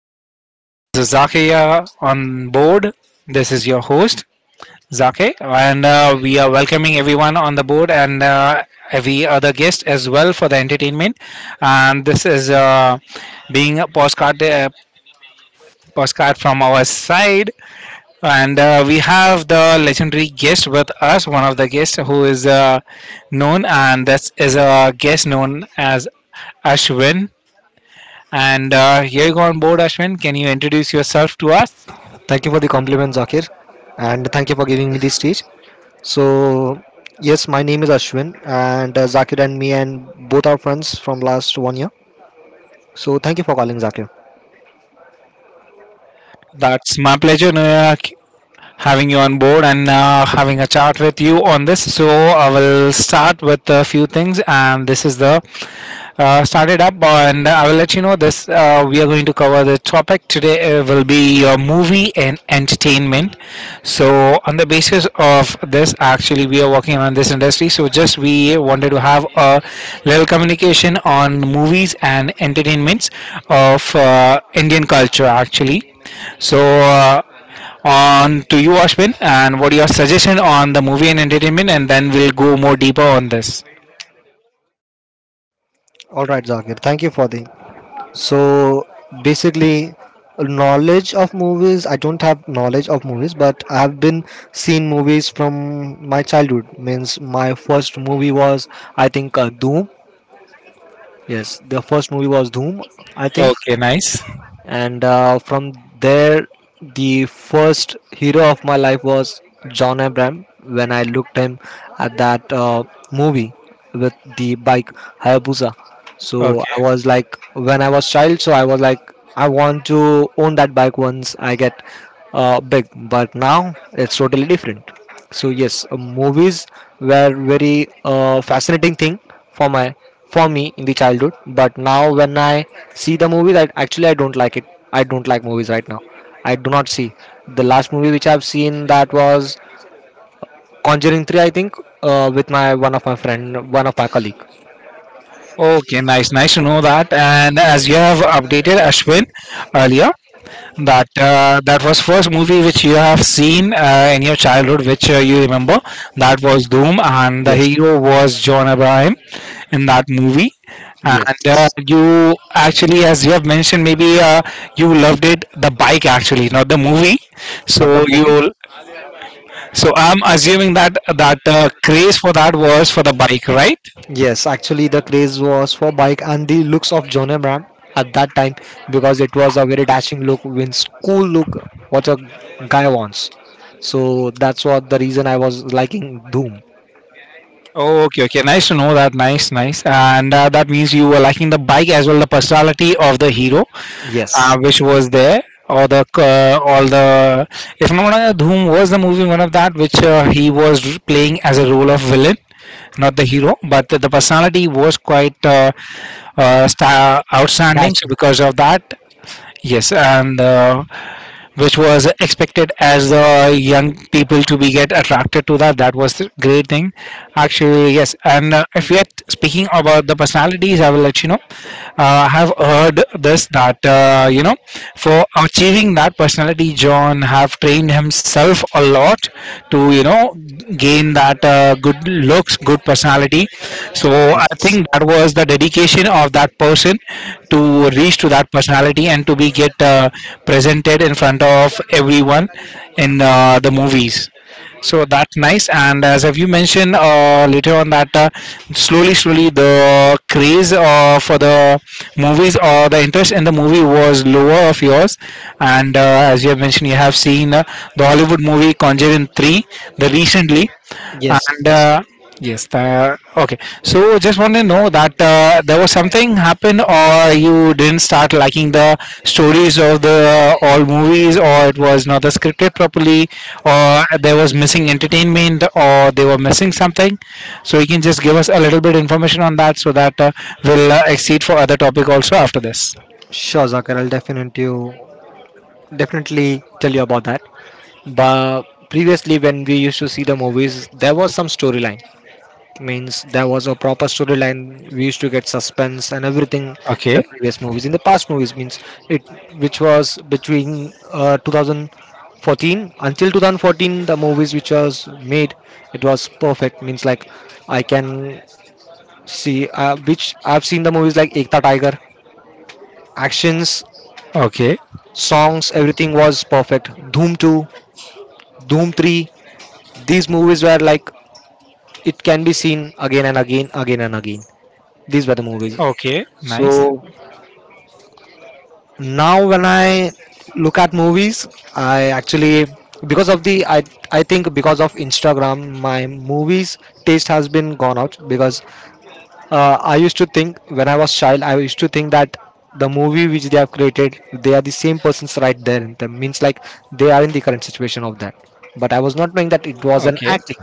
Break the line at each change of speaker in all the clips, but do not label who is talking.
Hi everyone, this is Zakia on board. This is your host, Zake, and we are welcoming everyone on the board and every other guest as well for the entertainment. And this is being a postcard, postcard from our side. And we have the legendary guest with us, one of the guests who is known, and that is a guest known as Ashwin. And here you go on board, Ashwin. Can you introduce yourself to us?
Thank you for the compliment, Zakir, and thank you for giving me the stage. So, yes, my name is Ashwin, and Zakir and me and both our friends from last 1 year. So, thank you for calling, Zakir.
That's my pleasure, Noyak, having you on board and having a chat with you on this. So I will start with a few things, and this is the started up, and I will let you know this. We are going to cover the topic today. Will be your movie and entertainment. So on the basis of this, actually, we are working on this industry. So just we wanted to have a little communication on movies and entertainments of Indian culture, actually. So on to you, Ashwin, and what your suggestion on the movie and entertainment, and then we'll go more deeper on this.
All right, Zakir, thank you for the. So, basically, knowledge of movies. I don't have knowledge of movies, but I have been seen movies from my childhood. Means my first movie was, I think, Doom. Yes, the first movie was Doom, I think.
Okay, nice.
And from there the first hero of my life was John Abram when I looked him at that movie with the bike Hayabusa. So I
Okay.
was like, when I was child, so I was like, I want to own that bike once I get big. But now it's totally different. So yes, movies were very fascinating thing for my for me in the childhood. But now when I see the movies, I actually I don't like it. I don't like movies right now. I do not see the last movie which I've seen, that was Conjuring Three, I think, with my one of my friend, one of my colleague.
Okay, nice. Nice to know that. And as you have updated, Ashwin, earlier, that that was first movie which you have seen in your childhood, which you remember. That was Doom, and the
Yes.
hero was John Abraham in that movie.
Yes,
And you actually, as you have mentioned, maybe you loved it the bike actually, not the movie.
not So the
So you,
movie.
so I'm assuming that that craze for that was for the bike, right?
Yes, actually, the craze was for bike and the looks of John Ram at that time because it was a very dashing look, wins cool look, what a guy wants. So that's what the reason I was liking Doom.
Oh, okay, okay. Nice to know that. Nice, nice. And that means you were liking the bike as well, the personality of the hero.
Yes,
Which was there or the all the, if I'm not wrong, Dhoom was the movie one of that which he was playing as a role of villain, not the hero, but the personality was quite sta outstanding, so
dashing.
because of that, yes. And which was expected as the young people to be get attracted to that, that was the great thing actually. Yes and uh, if we are speaking about the personalities, I will let you know, I have heard this that, you know, for achieving that personality, John have trained him himself a lot, to you know, gain that good looks, good personality. So I
Yes,
think that was the dedication of that person to reach to that personality and to be get presented in front of everyone in the movies. So that's nice. And as have you mentioned later on that, slowly, slowly the craze for the movies or the interest in the movie was lower of yours. And as you have mentioned, you have seen the Hollywood movie Conjuring 3, the recently. and
yes.
uh, yes the, okay, so just want to know that there was something happened or you didn't start liking the stories of the all movies, or it was not the scripted properly, or there was missing entertainment or they were missing something. So you can just give us a little bit information on that so that we'll exceed for other topic also after this.
Sure, Zakir, I'll definitely tell you about that. But previously, when we used to see the movies, there was some storyline. Means there was a proper storyline, we used to get suspense and everything in the
Okay.
previous movies, in the past movies. Means it which was between 2014, until 2014 the movies which was made, it was perfect. Means like I can see, which I've seen the movies like Ekta Tiger, actions,
Okay.
songs, everything was perfect. Doom 2, Doom 3, these movies were like it can be seen again and again, again and again. These were the movies.
Okay,
So
nice.
now when I look at movies, I actually, because of the I think because of Instagram my movies taste has been gone out. Because I used to think, when I was child, I used to think that the movie which they have created, they are the same persons right there in them, means like they are in the current situation of that, but I was not knowing that it was an
Okay.
acting.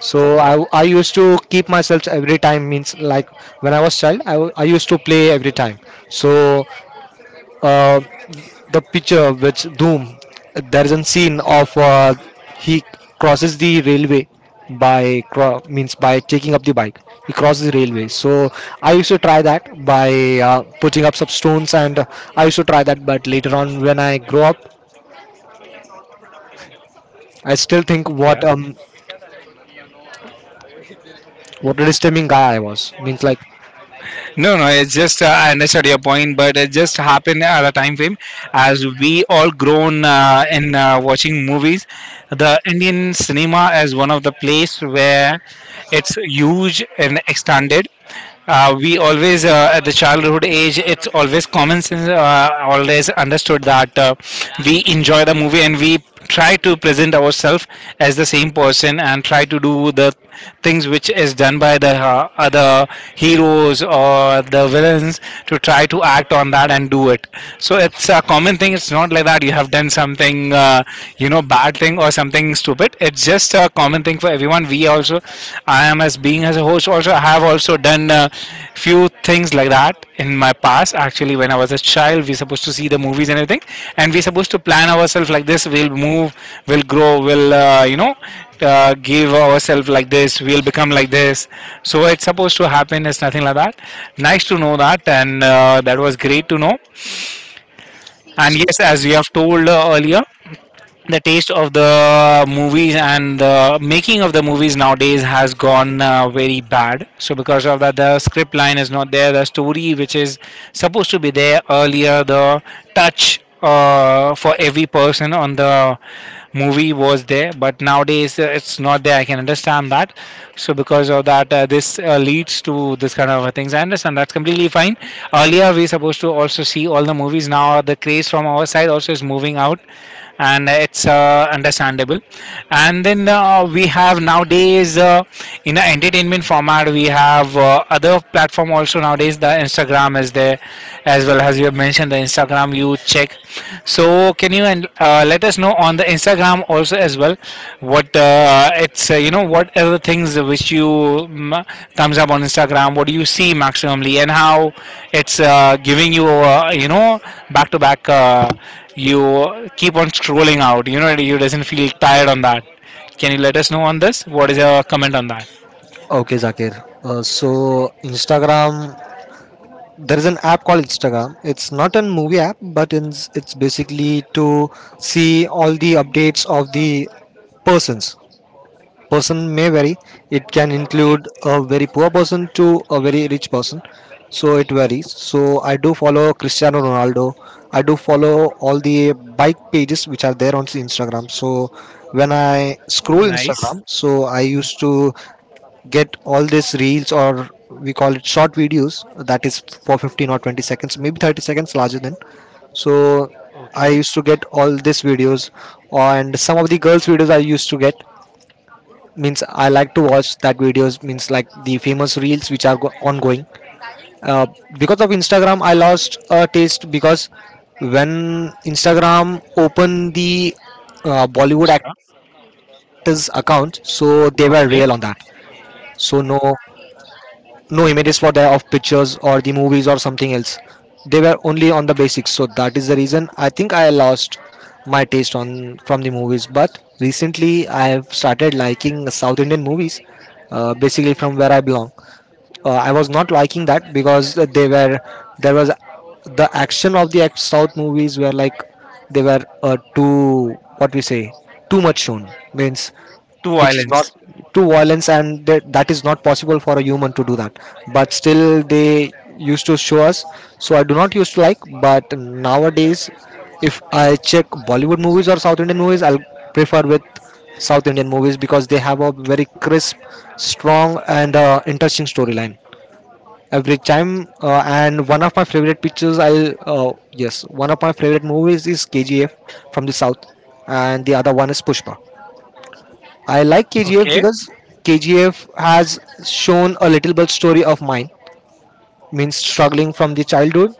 So I used to keep myself every time, means like when I was child I used to play every time. So uh, the picture which Doom, there is a scene of, he crosses the railway means by taking up the bike. He crosses the railway. So I used to try that by putting up some stones, and I used to try that. But later on, when I grow up, I still think what
Yeah.
um what a disturbing guy I was. Means like.
No, no, it's just I understood your point, but it just happened at a time frame as we all grown in watching movies. The Indian cinema is one of the place where it's huge and extended. We always at the childhood age, it's always common sense, always understood that we enjoy the movie and we try to present ourselves as the same person and try to do the things which is done by the other heroes or the villains, to try to act on that and do it. So it's a common thing. It's not like that you have done something you know, bad thing or something stupid. It's just a common thing for everyone. We also, I am as being as a host also, I have also done few things like that in my past actually. When I was a child, we supposed to see the movies and everything, and we supposed to plan ourselves like this, we'll move, we'll grow, we'll you know, give ourselves like this, we'll become like this. So it's supposed to happen, it's nothing like that. Nice to know that, and that was great to know. And yes, as you have told earlier, the taste of the movies and the making of the movies nowadays has gone very bad, so because of that the script line is not there, the story which is supposed to be there earlier, the touch for every person on the movie was there, but nowadays it's not there, I can understand that. So because of that, this leads to this kind of things, I understand, that's completely fine. Earlier we supposed to also see all the movies, now the craze from our side also is moving out, and it's understandable. And then we have nowadays in the entertainment format, we have other platform also nowadays, the Instagram is there. As well, as you have mentioned, the Instagram, you check. So can you and let us know on the Instagram also as well, what it's you know, what are the things which you comes up on Instagram, what do you see maximally, and how it's giving you you know, back to back, you keep on scrolling out, you know, you doesn't feel tired on that. Can you let us know on this, what is your comment on that?
Okay, Zakir. So Instagram, there is an app called Instagram. It's not a movie app, but it's basically to see all the updates of the persons. Person may vary. It can
Okay,
include a very poor person to a very rich person. So it varies. So I do follow Cristiano Ronaldo. I do follow all the bike pages which are there on Instagram. So when I scroll
nice.
Instagram, so I used to get all these reels, or we call it short videos that is for 15 or 20 seconds, maybe 30 seconds larger than. So I
Okay.
used to get all these videos, and some of the girls videos I used to get, means I like to watch that videos, means like the famous reels which are ongoing. uh, because of Instagram I lost a taste, because when Instagram opened the Bollywood actors
Sure.
account, so they were real on that.
Okay.
So no images were there of pictures or the movies or something else, they were only on the basics. So that is the reason I think I lost my taste on from the movies. But recently I have started liking South Indian movies. Basically from where I belong, I was not liking that because they were, there was the action of the South movies were like, they were too what we say too much shown, means
Two
which is not,
islands.
to violence and that is not possible for a human to do that. But still they used to show us. So I do not used to like. But nowadays if I check Bollywood movies or South Indian movies, I'll prefer with South Indian movies, because they have a very crisp, strong and interesting storyline every time. And one of my favorite pictures, I'll, uh, yes, one of my favorite movies is KGF from the South, and the other one is Pushpa. I like KGF
Okay.
because KGF has shown a little bit story of mine, means struggling from the childhood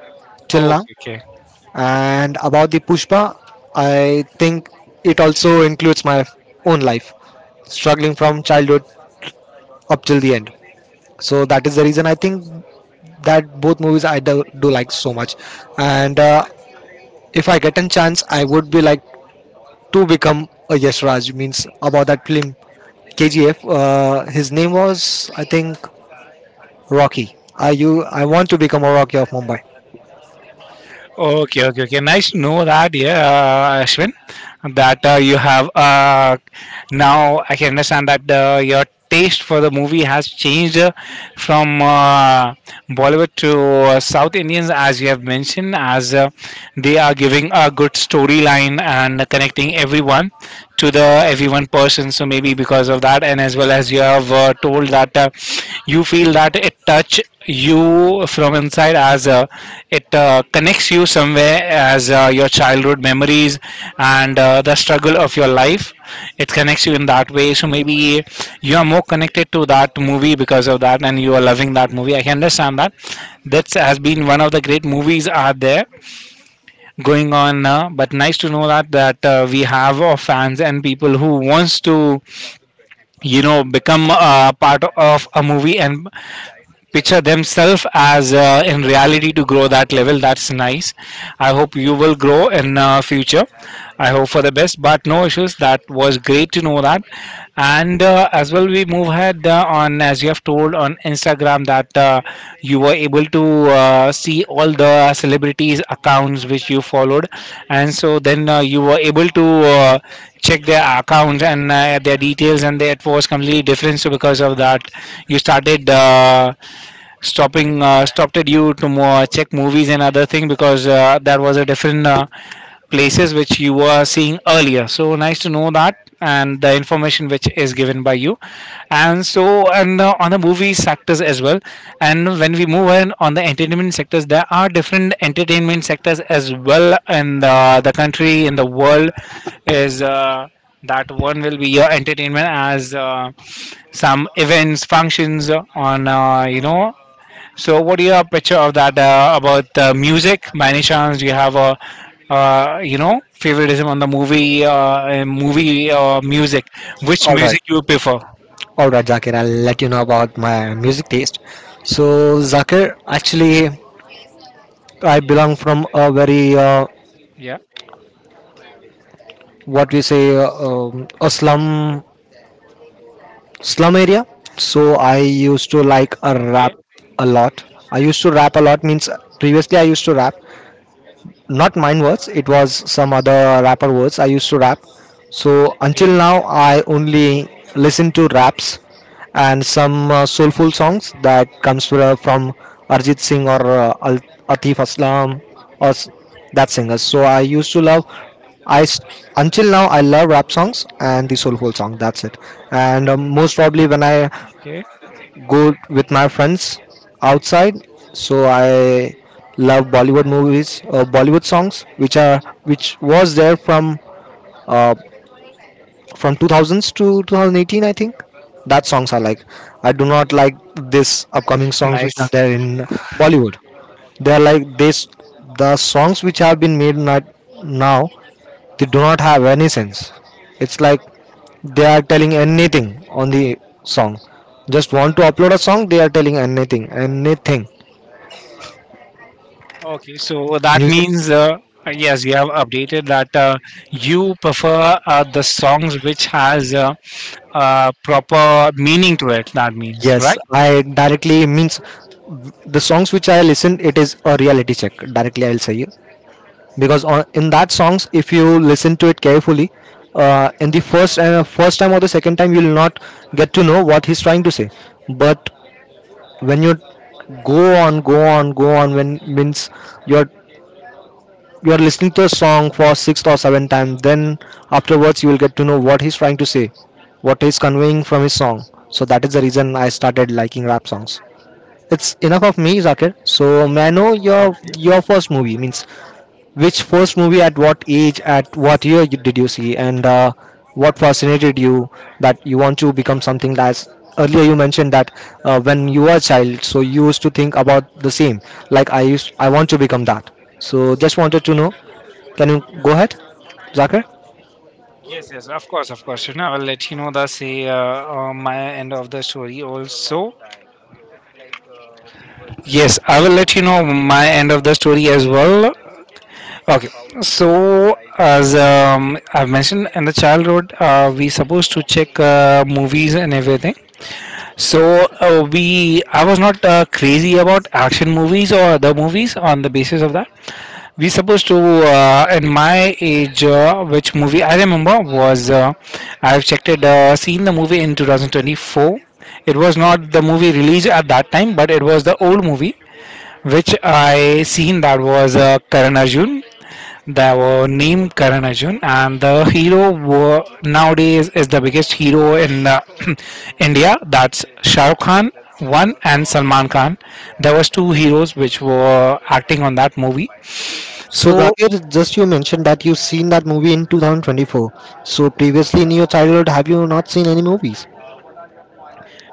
till
Okay.
now.
Okay.
And about the Pushpa, I think it also includes my own life, struggling from childhood up till the end. So that is the reason I think that both movies I do like so much. And if I get a chance, I would be like to become a Yash Raj, means about that film KGF. His name was, I think, Rocky. I want to become a Rocky of Mumbai.
Okay, okay, okay. Nice to know that, yeah, Ashwin, that you have. Now I can understand that your taste for the movie has changed from Bollywood to South Indians, as you have mentioned, as they are giving a good storyline and connecting everyone to the everyone person. So maybe because of that, and as well, as you have told that you feel that it touch you from inside, as it connects you somewhere as your childhood memories and the struggle of your life, it connects you in that way. So maybe you are more connected to that movie because of that, and you are loving that movie, I can understand that. This has been one of the great movies out there going on now. But nice to know that, that we have fans and people who wants to, you know, become a part of a movie and picture themselves as in reality to grow that level, that's nice. I hope you will grow in future. I hope for the best, but no issues, that was great to know that. And as well, we move ahead on, as you have told on Instagram that you were able to see all the celebrities accounts which you followed, and so then you were able to check their accounts and their details, and that was completely different. So because of that, you started stopping stopped at you to more check movies and other thing, because that was a different places which you were seeing earlier. So nice to know that and the information which is given by you. And so and on the movie sectors as well, and when we move on the entertainment sectors, there are different entertainment sectors as well in the country in the world is that one will be your entertainment as some events functions on, you know, so, what do you have picture of that about the music? By any chance, do you have a you know, favoritism on the movie, movie music? Which
All right,
music you prefer?
all right, Zakir. I'll let you know about my music taste. So Zakir, actually, I belong from a very,
Yeah.
what we say, a slum area. So I used to like a
Okay.
rap a lot. I used to rap a lot, means previously I used to rap, not mine words, it was some other rapper words I used to rap. So until
Okay.
now I only listen to raps and some soulful songs that comes from Arjit Singh or Atif Aslam or that singers. So I used to love, i s- until now I love rap songs and the soulful song, that's it. And most probably when I
Okay.
go with my friends outside. So I love Bollywood movies, Bollywood songs, which was there from uh, 2000s to 2018, I think. That songs I like. I do not like this upcoming songs which are
Nice.
there in Bollywood. They are like this. The songs which have been made not now, they do not have any sense. It's like they are telling anything on the song, just want to upload a song, they are telling anything, anything.
Okay. So that
Music,
means yes, you have updated that you prefer the songs which has proper meaning to it. That means,
yes.
right.
I directly means the songs which I listen, it is a reality check. Directly, I'll say you, because in that songs, if you listen to it carefully, in the first time or the second time, you'll not get to know what he's trying to say. But when you go on, go on, go on, when means you're you're listening to a song for sixth or seventh time, then afterwards you will get to know what he's trying to say, what he's conveying from his song. So that is the reason I started liking rap songs. It's enough of me, Zakir. So may I know your
Okay.
your first movie? Means which first movie at what age, at what year did you see, and what fascinated you that you want to become something. That's earlier you mentioned that when you were a child, so you used to think about the same, like I want to become that. So just wanted to know, can you go ahead, Zakir?
Yes, yes, of course, of course. You know, I will let you know the say my end of the story also. Yes, I will let you know my end of the story as well. Okay, so as I've mentioned in the childhood, we supposed to check movies and everything. So we, I was not crazy about action movies or other movies on the basis of that. We supposed to in my age which movie I remember was I've checked it seen the movie in 2024. It was not the movie released at that time, but it was the old movie which I seen. That was Karan Arjun. The name Karan Arjun, and the hero nowadays is the biggest hero in India, that's Shah Rukh Khan one and Salman Khan. There was two heroes which were acting on that movie.
So
So
Zakir, just you mentioned that you've seen that movie in 2024. So previously in your childhood, have you not seen any movies?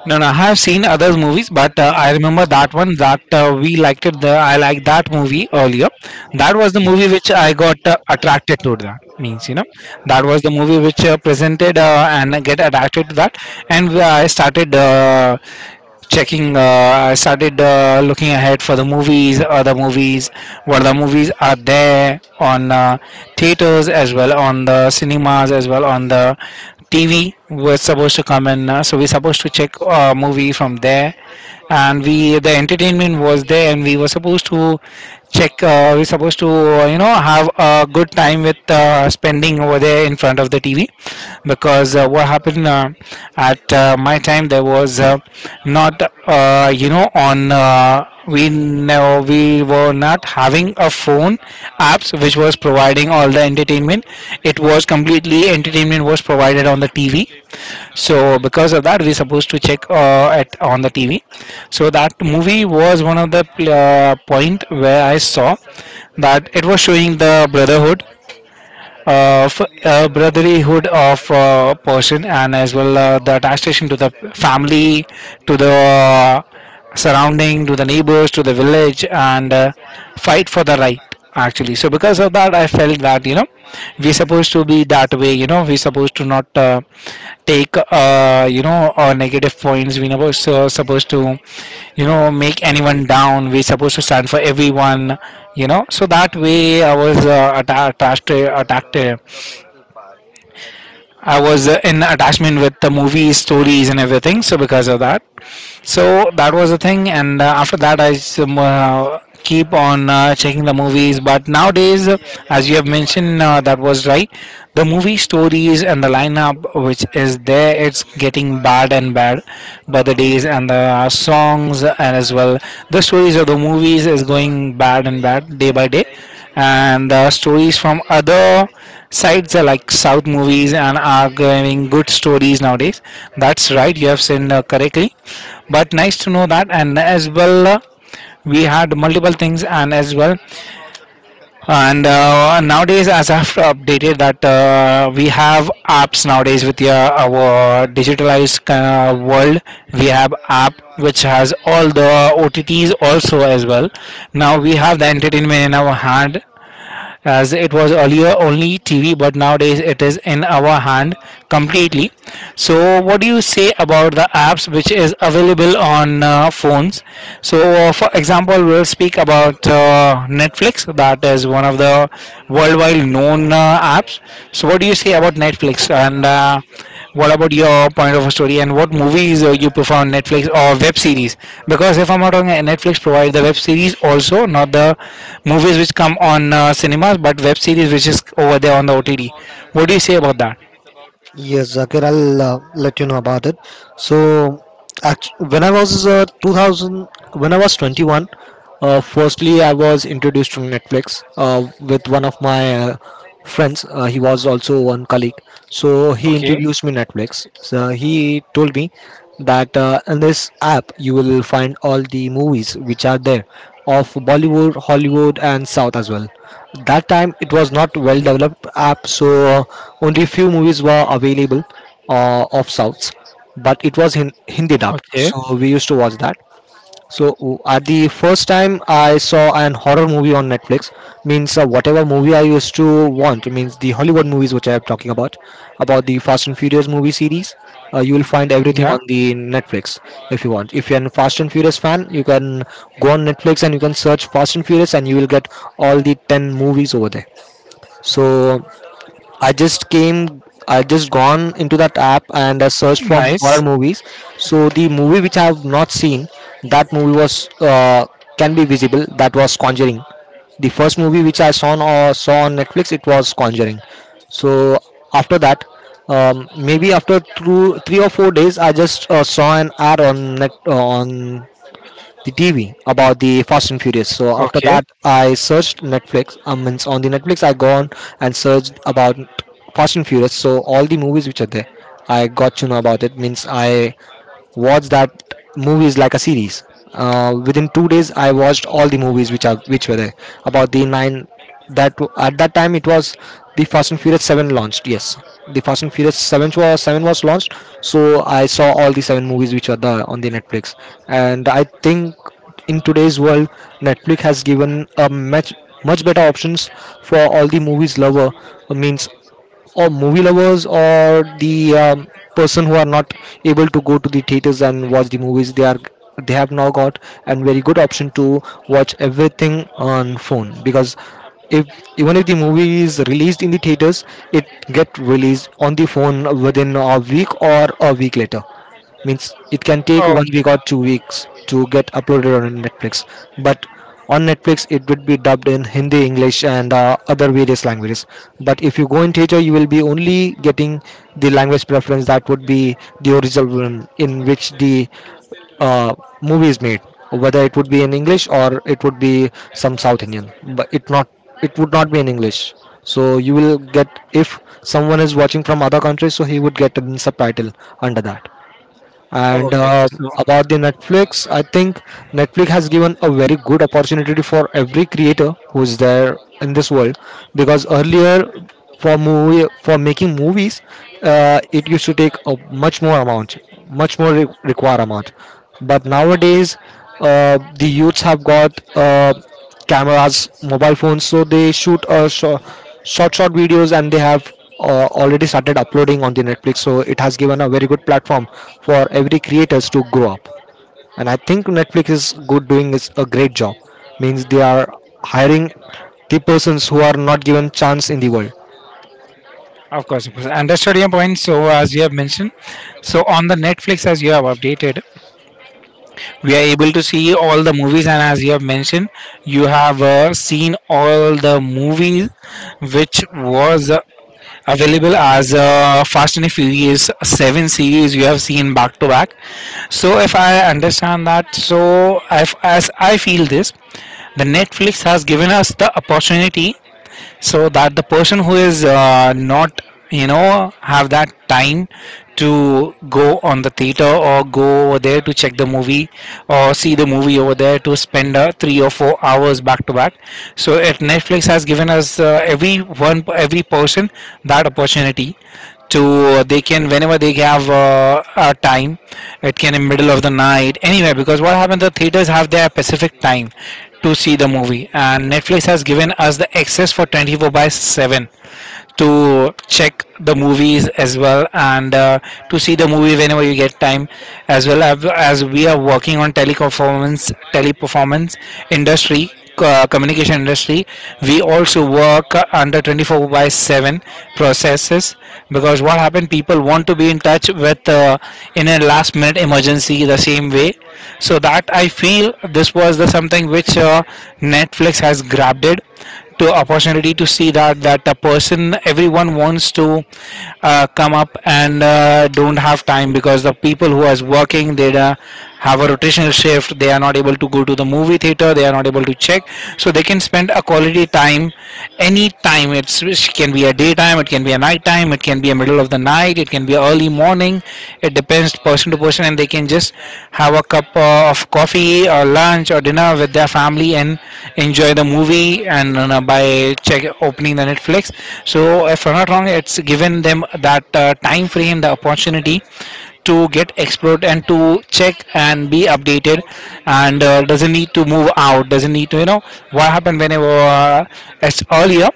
no, no, I have seen other movies, but I remember that one that we liked it. The I liked that movie earlier. That was the movie which I got attracted to. That means, you know, that was the movie which presented, and I get attracted to that, and I started. Checking, I started looking ahead for the movies, other movies, what the movies are there on theaters as well, on the cinemas as well, on the TV we're supposed to come, and so we're supposed to check a movie from there. And we, the entertainment was there, and we were supposed to check, we're supposed to you know, have a good time with spending over there in front of the TV. Because what happened at my time, there was not you know on we no, we were not having a phone apps which was providing all the entertainment. It was completely, entertainment was provided on the TV. So because of that, we supposed to check at, on the TV. So that movie was one of the point where I saw that it was showing the brotherhood of, brotherhood of person, and as well the attachment to the family, to the surrounding, to the neighbors, to the village, and fight for the right, actually. So because of that, I felt that, you know, we're supposed to be that way, you know, we're supposed to not take you know negative points, supposed to, you know, make anyone down, we're supposed to stand for everyone, you know. So that way I was atta- attached to- attacked to- I was in attachment with the movies, stories and everything. So because of that, so that was the thing. And after that keep on checking the movies. But nowadays, as you have mentioned, that was right, the movie stories and the lineup which is there, it's getting bad and bad by the days, and the songs, and as well the stories of the movies is going bad and bad day by day. And the stories from other sites are, like, south movies, and are giving good stories nowadays. That's right, you have seen correctly. But nice to know that. And as well, we had multiple things. And as well, and nowadays, as I've updated, that we have apps nowadays with your, our digitalized world. We have app which has all the OTTs also as well. Now we have the entertainment in our hand, as it was earlier only TV, but nowadays it is in our hand completely. So what do you say about the apps which is available on phones? So, for example, we'll speak about Netflix, that is one of the worldwide known apps. So what do you say about Netflix, and what about your point of a story, and what movies you prefer on Netflix or web series? Because if I'm not wrong, Netflix provide the web series also, not the movies which come on cinemas, but web series which is over there on the OTD. What do you say about that?
Yes, Zakir, I'll let you know about it. So, when I was 2000, when I was 21, firstly I was introduced to Netflix with one of my friends. He was also one colleague, so he introduced me Netflix. So he told me that in this app you will find all the movies which are there of Bollywood, Hollywood, and South as well. That time it was not well developed app, so only few movies were available, of Souths, but it was Hindi dubbed,
Okay.
so we used to watch that. So at the first time I saw an horror movie on Netflix, means whatever movie I used to want, means the Hollywood movies which I am talking about the Fast and Furious movie series. You will find everything
Yeah.
on the Netflix if you want. If you're a Fast and Furious fan, you can go on Netflix and you can search Fast and Furious, and you will get all the 10 movies over there. So I just gone into that app and I searched for horror
Nice.
movies.
Yeah.
So the movie which I have not seen, that movie was can be visible. That was Conjuring. The first movie which I saw on Netflix, it was Conjuring. So after that, maybe after through 3 or 4 days, I just saw an ad on net on the TV about the Fast and Furious. So after
Okay.
that, I searched Netflix. I mean, on the Netflix, I gone and searched about Fast and Furious. So all the movies which are there, I got to know about it. Means I watch that movies like a series. Within 2 days, I watched all the movies which were there about the 9. At that time it was the Fast and Furious Seven launched. Yes, the Fast and Furious Seven was launched. So I saw all the seven movies which were there on the Netflix, and I think in today's world, Netflix has given a much better options for all the movies lover, means or movie lovers or the person who are not able to go to the theaters and watch the movies, they have now got a very good option to watch everything on phone, because if even if the movie is released in the theaters, it get released on the phone within a week or a week later. Means it can take one
Okay.
week or 2 weeks to get uploaded on Netflix, but on Netflix it would be dubbed in Hindi, English, and other various languages. But if you go in theater, you will be only getting the language preference that would be the original one in which the uh, movie is made, whether it would be in English or it would be some South Indian. But it would not be in English. So you will get, if someone is watching from other countries, so he would get a subtitle under that. And
Okay. Okay. So
About the Netflix, I think Netflix has given a very good opportunity for every creator who's there in this world. Because earlier for movie for making movies, it used to take a much more amount, much more re- require amount. But nowadays, the youths have got, Uh, cameras, mobile phones. So they shoot short, short videos, and they have already started uploading on the Netflix. So it has given a very good platform for every creators to grow up. And I think Netflix is good doing is a great job. Means they are hiring the persons who are not given chance in the world.
of course, of course. Understood your point. So as you have mentioned, so on the Netflix, as you have updated, we are able to see all the movies. And as you have mentioned, you have seen all the movies which was available as Fast and Furious 7 series, we have seen back to back. So if I understand that, so if, as I feel this, the Netflix has given us the opportunity so that the person who is not, you know, have that time to go on the theater, or go over there to check the movie, or see the movie over there, to spend 3 or 4 hours back to back. So at Netflix has given us, every one, every person, that opportunity to they can, whenever they have a time, it can in middle of the night, anywhere. Because what happens, the theaters have their specific time to see the movie, and Netflix has given us the access for 24 by 7 to check the movies as well, and to see the movie whenever you get time. As well as we are working on teleperformance industry, communication industry, we also work under 24 by 7 processes. Because what happened, people want to be in touch with, in a last minute emergency, the same way. So that I feel this was the something which Netflix has grabbed it, to opportunity to see that, that the person, everyone wants to come up, and don't have time, because the people who is working, they have a rotational shift, they are not able to go to the movie theater, they are not able to check. So they can spend a quality time any time. It's it can be a daytime, it can be a night time, it can be a middle of the night, it can be early morning. It depends person to person. And they can just have a cup of coffee or lunch or dinner with their family and enjoy the movie, and, you know, by check opening the Netflix. So if I'm not wrong, it's given them that time frame, the opportunity to get explored and to check and be updated. And doesn't need to move out, doesn't need to, you know, what happened, whenever it's earlier,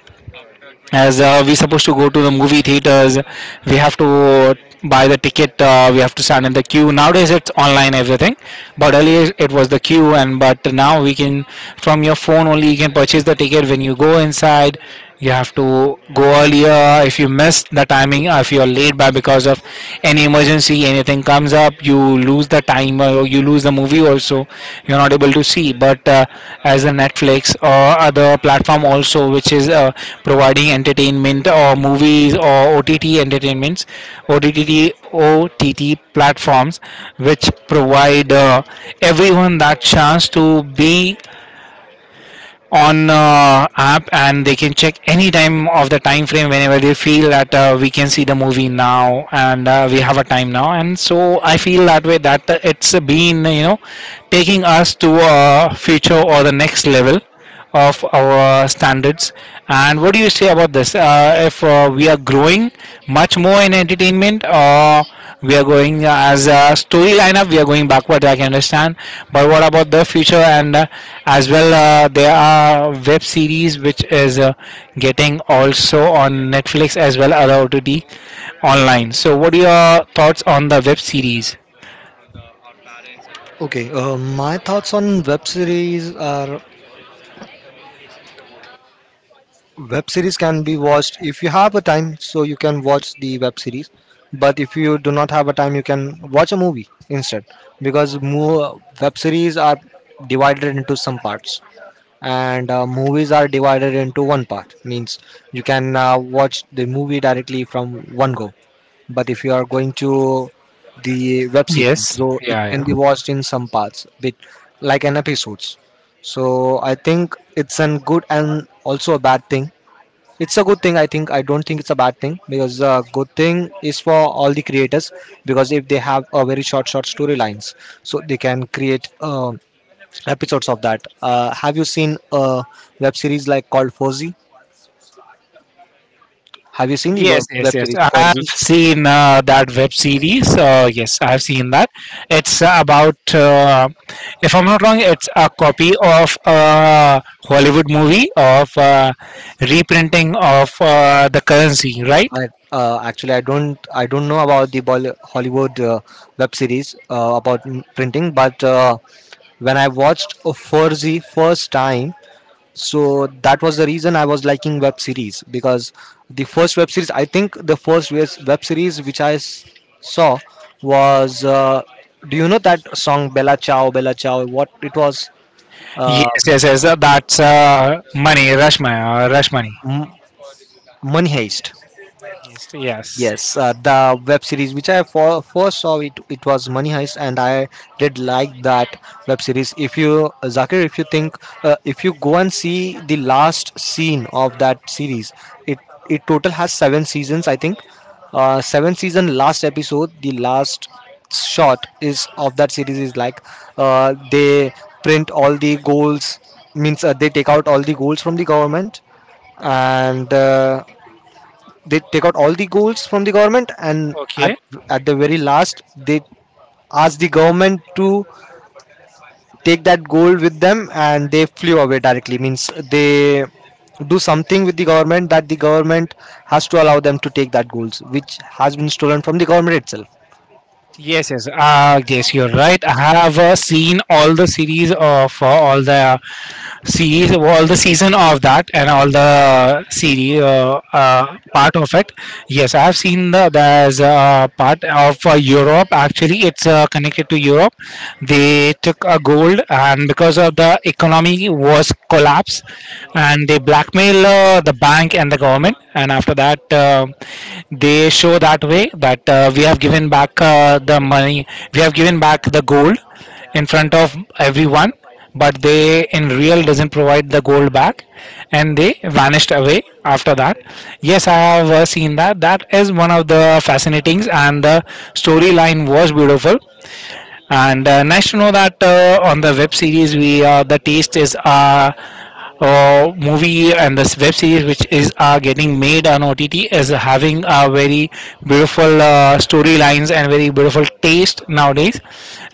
as we supposed to go to the movie theaters, we have to buy the ticket, we have to stand in the queue. Nowadays it's online, everything. But earlier it was the queue. And but now we can, from your phone only, you can purchase the ticket. When you go inside, you have to go earlier. If you miss the timing, or if you are late by, because of any emergency, anything comes up, you lose the time, or you lose the movie also. You're not able to see. But as a Netflix or other platform also, which is providing entertainment or movies or OTT entertainments, OTT platforms, which provide everyone that chance to be on app, and they can check any time of the time frame whenever they feel that we can see the movie now, and we have a time now. And so I feel that way, that it's been, you know, taking us to a future or the next level of our standards. And what do you say about this, if we growing much more in entertainment, or we are going, as a story lineup, we are going backward, I can understand. But what about the future? And as well, there are web series which is getting also on Netflix as well, other OTT online. So what are your thoughts on the web series?
Okay, my thoughts on web series are, web series can be watched if you have a time, so you can watch the web series. But if you do not have a time, you can watch a movie instead, because web series are divided into some parts, and movies are divided into one part. Means you can watch the movie directly from one go. But if you are going to the web series,
Yes,
so it can
yeah.
be watched in some parts bit, like an episodes. So I think it's a good and also a bad thing. It's a good thing, I think. I don't think it's a bad thing, because a good thing is for all the creators, because if they have a very short story lines, so they can create episodes of that. Have you seen a web series like called Forzy? Have you seen the Yes.
Yes,
web
yes,
web
yes.
series
I've
Forzy?
seen that web series. Yes, I've seen that. It's about, if I'm not wrong, it's a copy of a Hollywood movie of reprinting of the currency, right?
I, actually I don't know about the Hollywood web series about printing. But when I watched Forzy first time, so that was the reason I was liking web series. Because the first web series, I think the first web series which I saw was do you know that song, bella ciao, bella ciao? What it was,
Yes,
uh,
yes, yes. That's money, rush money, rush money.
M- money heist.
Yes, yes.
Yes, the web series which I first saw it, it was Money Heist, and I did like that web series. If you Zakir, if you think, if you go and see the last scene of that series, it it total has 7 seasons, I think. Seven season last episode, the last shot is of that series, is like they print all the goals. Means they take out all the goals from the government, and they take out all the goals from the government and
Okay.
at the very last, they asked the government to take that gold with them, and they flew away directly. Means they do something with the government, that the government has to allow them to take that goals which has been stolen from the government itself.
Yes, yes. Yes, you're right. I have seen all the series of all the, see all the season of that, and all the series part of it. Yes, I have seen the, there's a part of Europe. Actually, it's connected to Europe. They took a gold, and because of the economy was collapse, and they blackmail the bank and the government. And after that, they show that way, that we have given back the money, we have given back the gold in front of everyone, but they in real doesn't provide the gold back, and they vanished away after that. Yes, I have seen that. That is one of the fascinating, and the storyline was beautiful. And nice to know that, on the web series, we the taste is, movie and this web series which is are getting made on OTT is having a very beautiful storylines and very beautiful taste nowadays,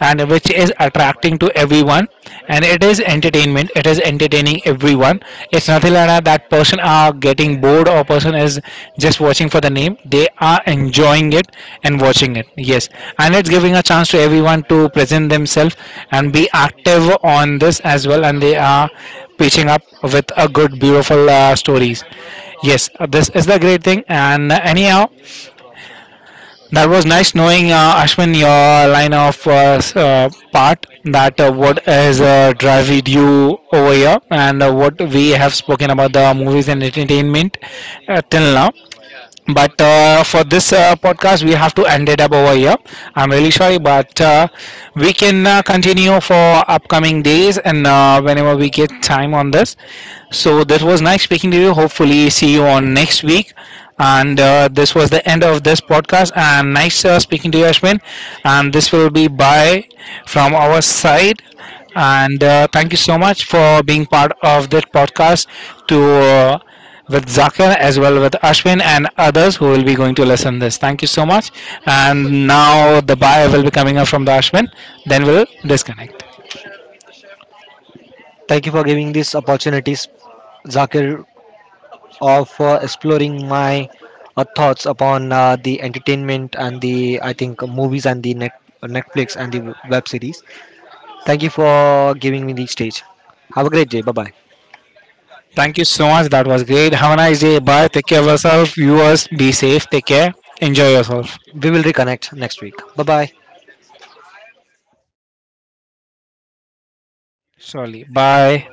and which is attracting to everyone. And it is entertainment, it is entertaining everyone. It's nothing like that, that person are getting bored, or person is just watching for the name. They are enjoying it and watching it. Yes, and it's giving a chance to everyone to present themselves and be active on this as well. And they are pitching up with a good, beautiful stories. Yes, this is the great thing. And anyhow, that was nice knowing, Ashwin, your line of part, that what has driven you over here, and what we have spoken about the movies and entertainment till now. But for this podcast, we have to end it up over here. I'm really sorry, but we can continue for upcoming days, and whenever we get time on this. So this was nice speaking to you, hopefully see you on next week. And this was the end of this podcast, and nice speaking to you, Ashwin, and this will be bye from our side. And thank you so much for being part of this podcast, to with Zakir, as well with Ashwin and others who will be going to listen this. Thank you so much. And now the buyer will be coming up from the Ashwin. Then we'll disconnect.
Thank you for giving these opportunities, Zakir, of exploring my thoughts upon the entertainment and the, I think, movies and the Netflix and the web series. Thank you for giving me the stage. Have a great day. Bye bye.
Thank you so much. That was great. Have a nice day. Bye. Take care of yourself. Viewers, be safe. Take care. Enjoy yourself.
We will reconnect next week. Bye bye.
Surely. Bye.